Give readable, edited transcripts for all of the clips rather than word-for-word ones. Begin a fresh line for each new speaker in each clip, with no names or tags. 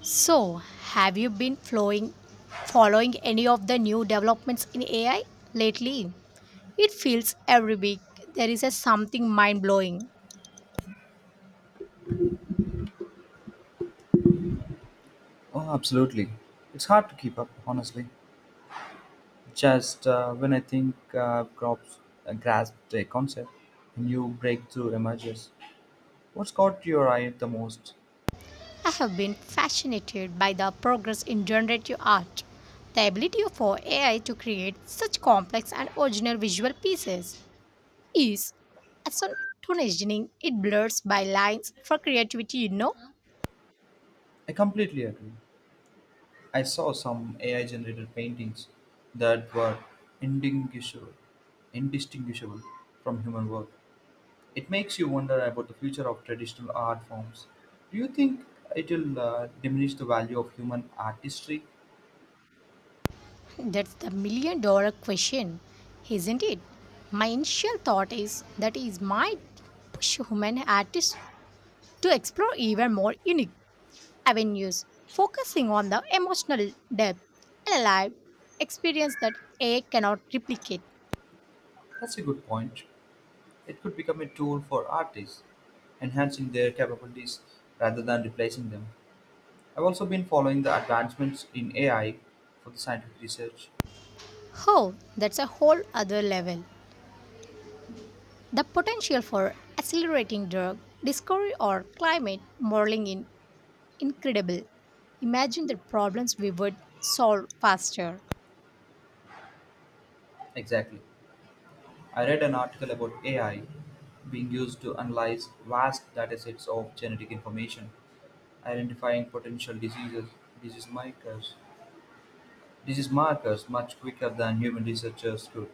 So, have you been following any of the new developments in AI lately? It feels every week there is a something mind blowing.
Oh, absolutely. It's hard to keep up, honestly. Just when I think crops grasped a concept, a new breakthrough emerges. What's caught your eye the most?
I have been fascinated by the progress in generative art. The ability for AI to create such complex and original visual pieces is astonishing. It blurs by lines for creativity.
I completely agree. I saw some AI generated paintings that were indistinguishable, indistinguishable from human work. It makes you wonder about the future of traditional art forms. Do you think it will diminish the value of human artistry?
That's the million dollar question, isn't it? My initial thought is that it might push human artists to explore even more unique avenues, focusing on the emotional depth and alive experience that AI cannot replicate.
That's a good point. It could become a tool for artists, enhancing their capabilities rather than replacing them. I've also been following the advancements in AI for the scientific research.
Oh, that's a whole other level. The potential for accelerating drug discovery or climate modeling is incredible. Imagine the problems we would solve faster.
Exactly. I read an article about AI being used to analyze vast datasets of genetic information, identifying potential diseases, disease markers, disease markers much quicker than human researchers could.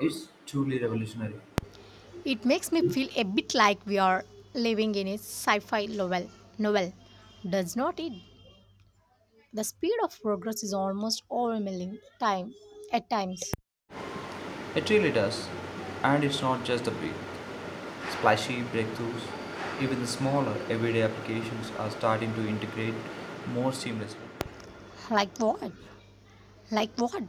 It's truly revolutionary.
It makes me feel a bit like we are living in a sci-fi novel. Novel, does not it? The speed of progress is almost overwhelming. At times.
It really does. And it's not just the big splashy breakthroughs, even smaller everyday applications are starting to integrate more seamlessly.
Like what? Like what?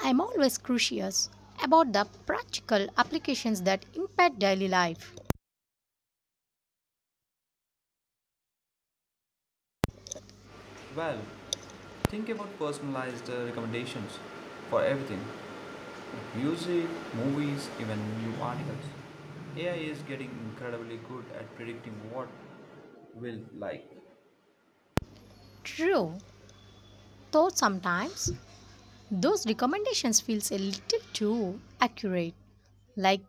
I'm always curious about the practical applications that impact daily life.
Well, think about personalized recommendations for everything music, movies, even new articles. AI is getting incredibly good at predicting what will like.
True, though sometimes those recommendations feels a little too accurate. Like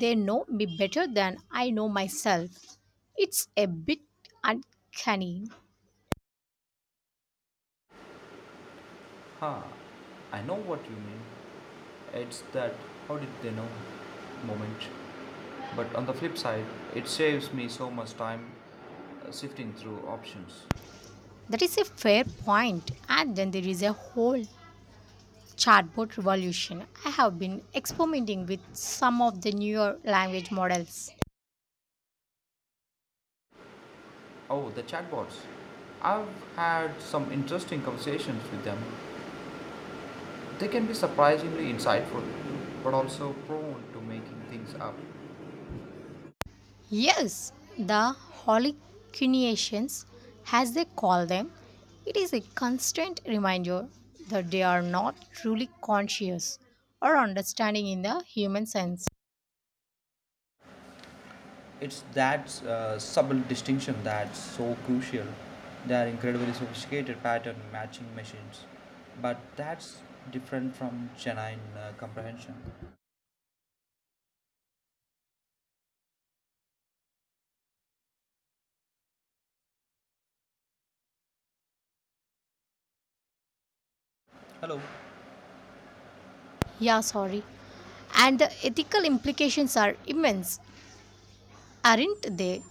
they know me better than I know myself. It's a bit uncanny.
Ha, I know what you mean. It's that how did they know moment. But on the flip side, it saves me so much time sifting through options.
That is a fair point. And then there is a whole chatbot revolution. I have been experimenting with some of the newer language models.
Oh, the chatbots. I've had some interesting conversations with them. They can be surprisingly insightful, but also prone to making things up.
Yes, the hallucinations, as they call them, it is a constant reminder that they are not truly conscious or understanding in the human sense.
It's that subtle distinction that's so crucial. They are incredibly sophisticated pattern matching machines, but that's different from genuine comprehension. Hello.
Yeah, sorry. And the ethical implications are immense, aren't they?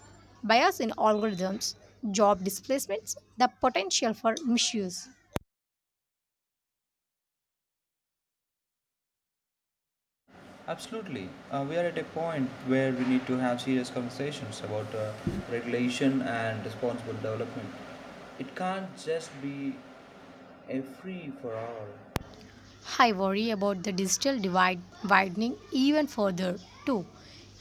Bias in algorithms, job displacements, the potential for misuse.
Absolutely. We are at a point where we need to have serious conversations about regulation and responsible development. It can't just be a free for all.
I worry about the digital divide widening even further too.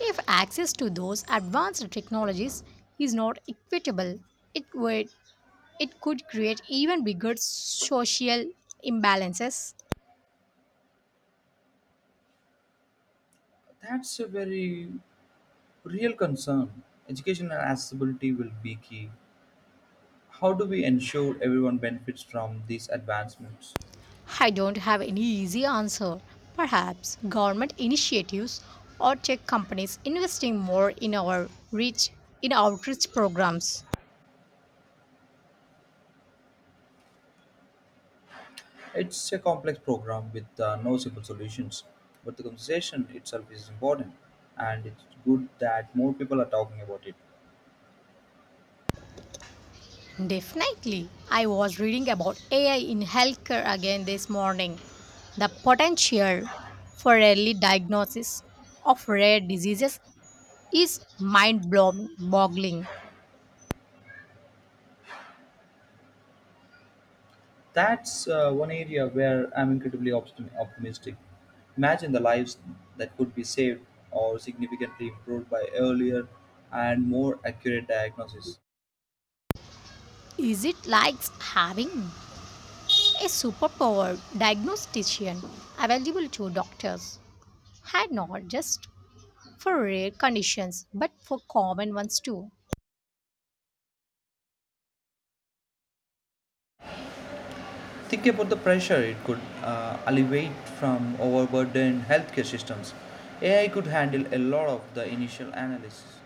If access to those advanced technologies is not equitable, it would it could create even bigger social imbalances.
That's a very real concern. Educational accessibility will be key. How do we ensure everyone benefits from these advancements?
I don't have any easy answer. Perhaps government initiatives or tech companies investing more in our reach in outreach programs.
It's a complex program with no simple solutions, but the conversation itself is important, and it's good that more people are talking about it.
Definitely. I was reading about AI in healthcare again this morning. The potential for early diagnosis of rare diseases is mind boggling.
That's one area where I'm incredibly optimistic. Imagine the lives that could be saved or significantly improved by earlier and more accurate diagnosis.
Is it like having a superpower diagnostician available to doctors? And not just for rare conditions, but for common ones too.
Think about the pressure it could alleviate from overburdened healthcare systems. AI could handle a lot of the initial analysis.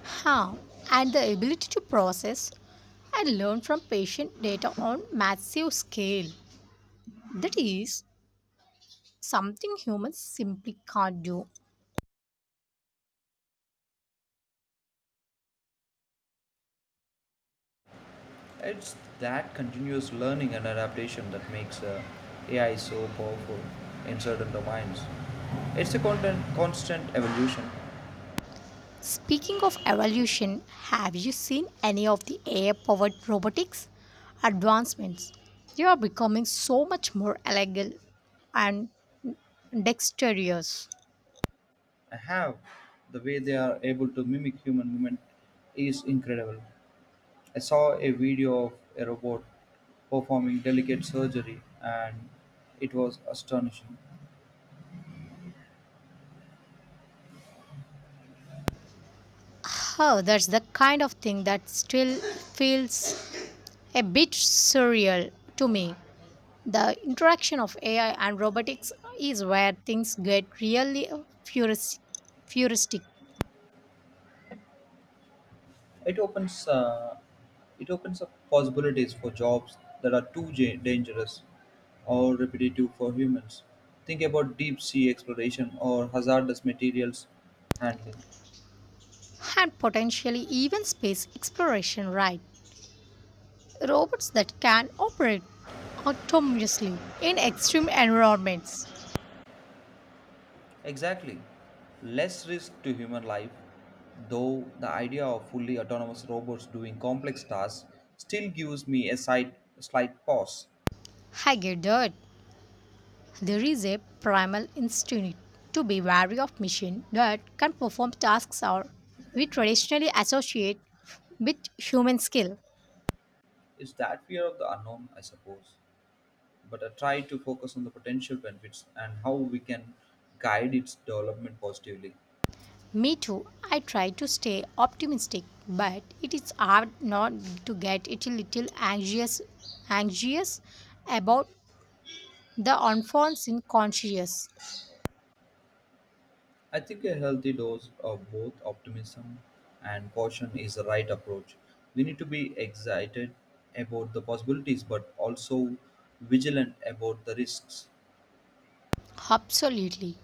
Huh, and the ability to process and learn from patient data on massive scale. That is something humans simply can't do.
It's that continuous learning and adaptation that makes AI so powerful in certain domains. It's a constant evolution.
Speaking of evolution, have you seen any of the AI powered robotics advancements? They are becoming so much more agile and dexterous.
Have the way they are able to mimic human movement is incredible. I saw a video of a robot performing delicate surgery, and it was astonishing.
Oh, that's the kind of thing that still feels a bit surreal to me. The interaction of AI and robotics is where things get really futuristic, futuristic.
it opens uh, it opens up possibilities for jobs that are too dangerous or repetitive for humans. Think about deep sea exploration or hazardous materials handling.
And potentially even space exploration, right? Robots that can operate autonomously in extreme environments.
Exactly. Less risk to human life, though the idea of fully autonomous robots doing complex tasks still gives me a slight pause.
I get that. There is a primal instinct to be wary of machines that can perform tasks or we traditionally associate with human skill.
It's that fear of the unknown, I suppose. But I try to focus on the potential benefits and how we can guide its development positively.
Me too. I try to stay optimistic, but it is hard not to get it a little anxious about the unfolds in conscious.
I think a healthy dose of both optimism and caution is the right approach. We need to be excited about the possibilities but also vigilant about the risks.
Absolutely.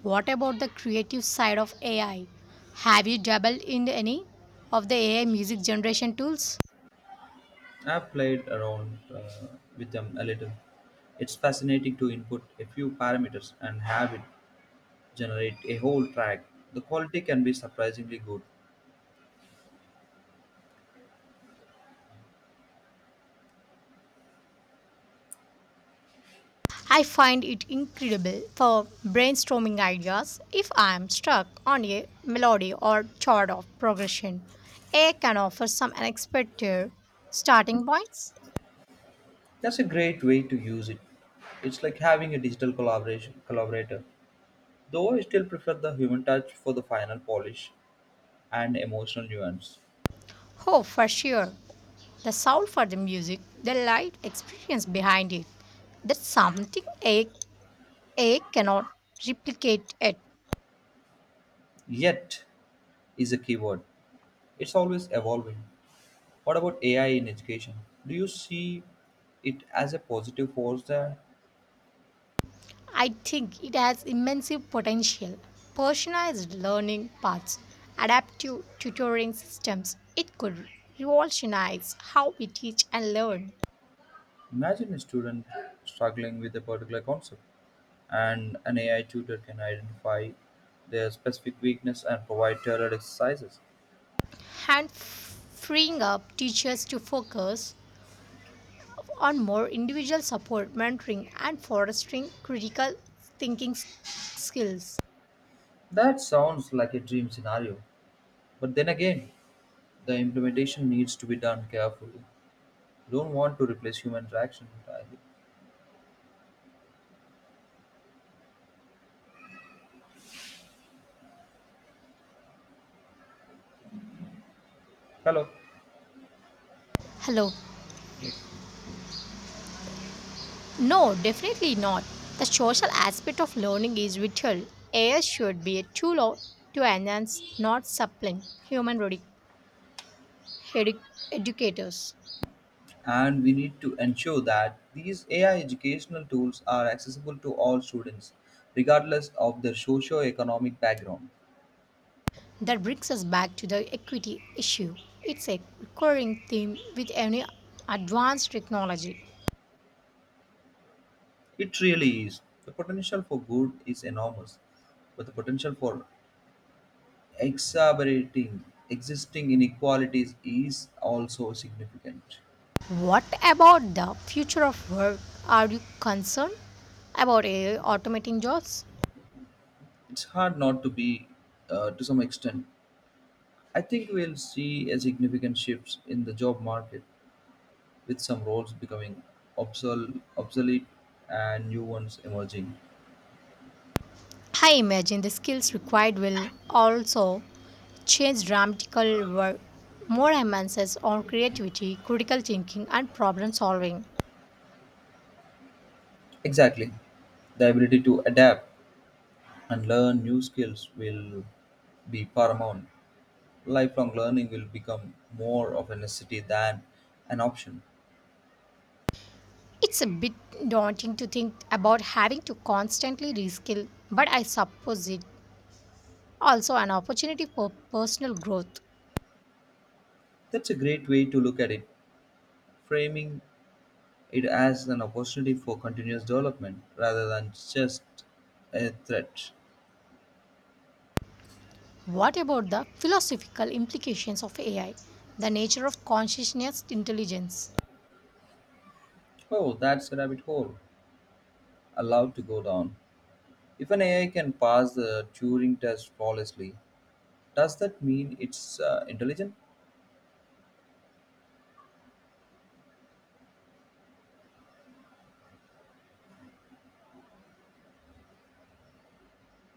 What about the creative side of AI? Have you dabbled in any of the AI music generation tools?
I've played around with them a little. It's fascinating to input a few parameters and have it generate a whole track. The quality can be surprisingly good.
I find it incredible for brainstorming ideas if I am stuck on a melody or chord of progression. AI can offer some unexpected starting points.
That's a great way to use it. It's like having a digital collaboration collaborator, though I still prefer the human touch for the final polish and emotional nuance.
Oh, for sure. The sound for the music, the light experience behind it. That's something A, I, A I cannot replicate it.
Yet is a keyword. It's always evolving. What about AI in education? Do you see it as a positive force there?
I think it has immense potential. Personalized learning paths, adaptive tutoring systems, it could revolutionize how we teach and learn,
Imagine a student struggling with a particular concept, and an AI tutor can identify their specific weakness and provide tailored exercises.
and freeing up teachers to focus on more individual support, mentoring, and fostering critical thinking skills.
That sounds like a dream scenario, but then again, the implementation needs to be done carefully. Don't want to replace human interaction entirely. Hello.
Hello.
Yes.
No, definitely not. The social aspect of learning is vital. AI should be a to enhance, not supplant, human edu- educators.
And we need to ensure that these AI educational tools are accessible to all students, regardless of their socio-economic background.
That brings us back to the equity issue. It's a recurring theme with any advanced technology.
It really is. The potential for good is enormous, but the potential for exacerbating existing inequalities is also significant.
What about the future of work? Are you concerned about AI automating jobs?
It's hard not to be, to some extent. I think we'll see a significant shift in the job market, with some roles becoming obsolete and new ones emerging.
I imagine the skills required will also change dramatically. Work more emphasis on creativity, critical thinking, and problem solving.
Exactly. The ability to adapt and learn new skills will be paramount. Lifelong learning will become more of a necessity than an option.
It's a bit daunting to think about having to constantly reskill, but I suppose it also an opportunity for personal growth.
That's a great way to look at it, framing it as an opportunity for continuous development rather than just a threat.
What about the philosophical implications of AI, the nature of consciousness intelligence
Oh, that's a rabbit hole allowed to go down. If an AI can pass the Turing test flawlessly, does that mean it's intelligent?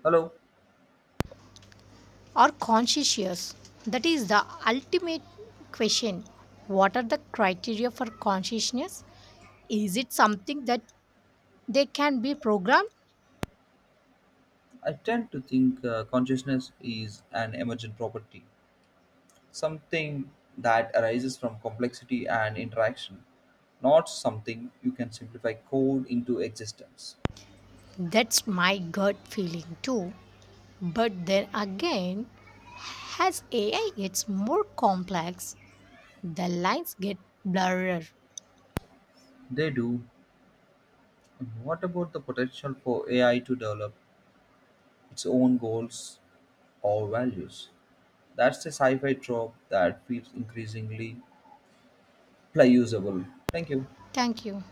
Hello,
or conscious? That is the ultimate question. What are the criteria for consciousness? Is it something that they can be programmed?
I tend to think consciousness is an emergent property, something that arises from complexity and interaction, not something you can simplify code into existence.
That's my gut feeling too. But then again, as AI gets more complex, the lines get blurrier.
They do. And what about the potential for AI to develop its own goals or values? That's a sci fi trope that feels increasingly playable. Thank you.
Thank you.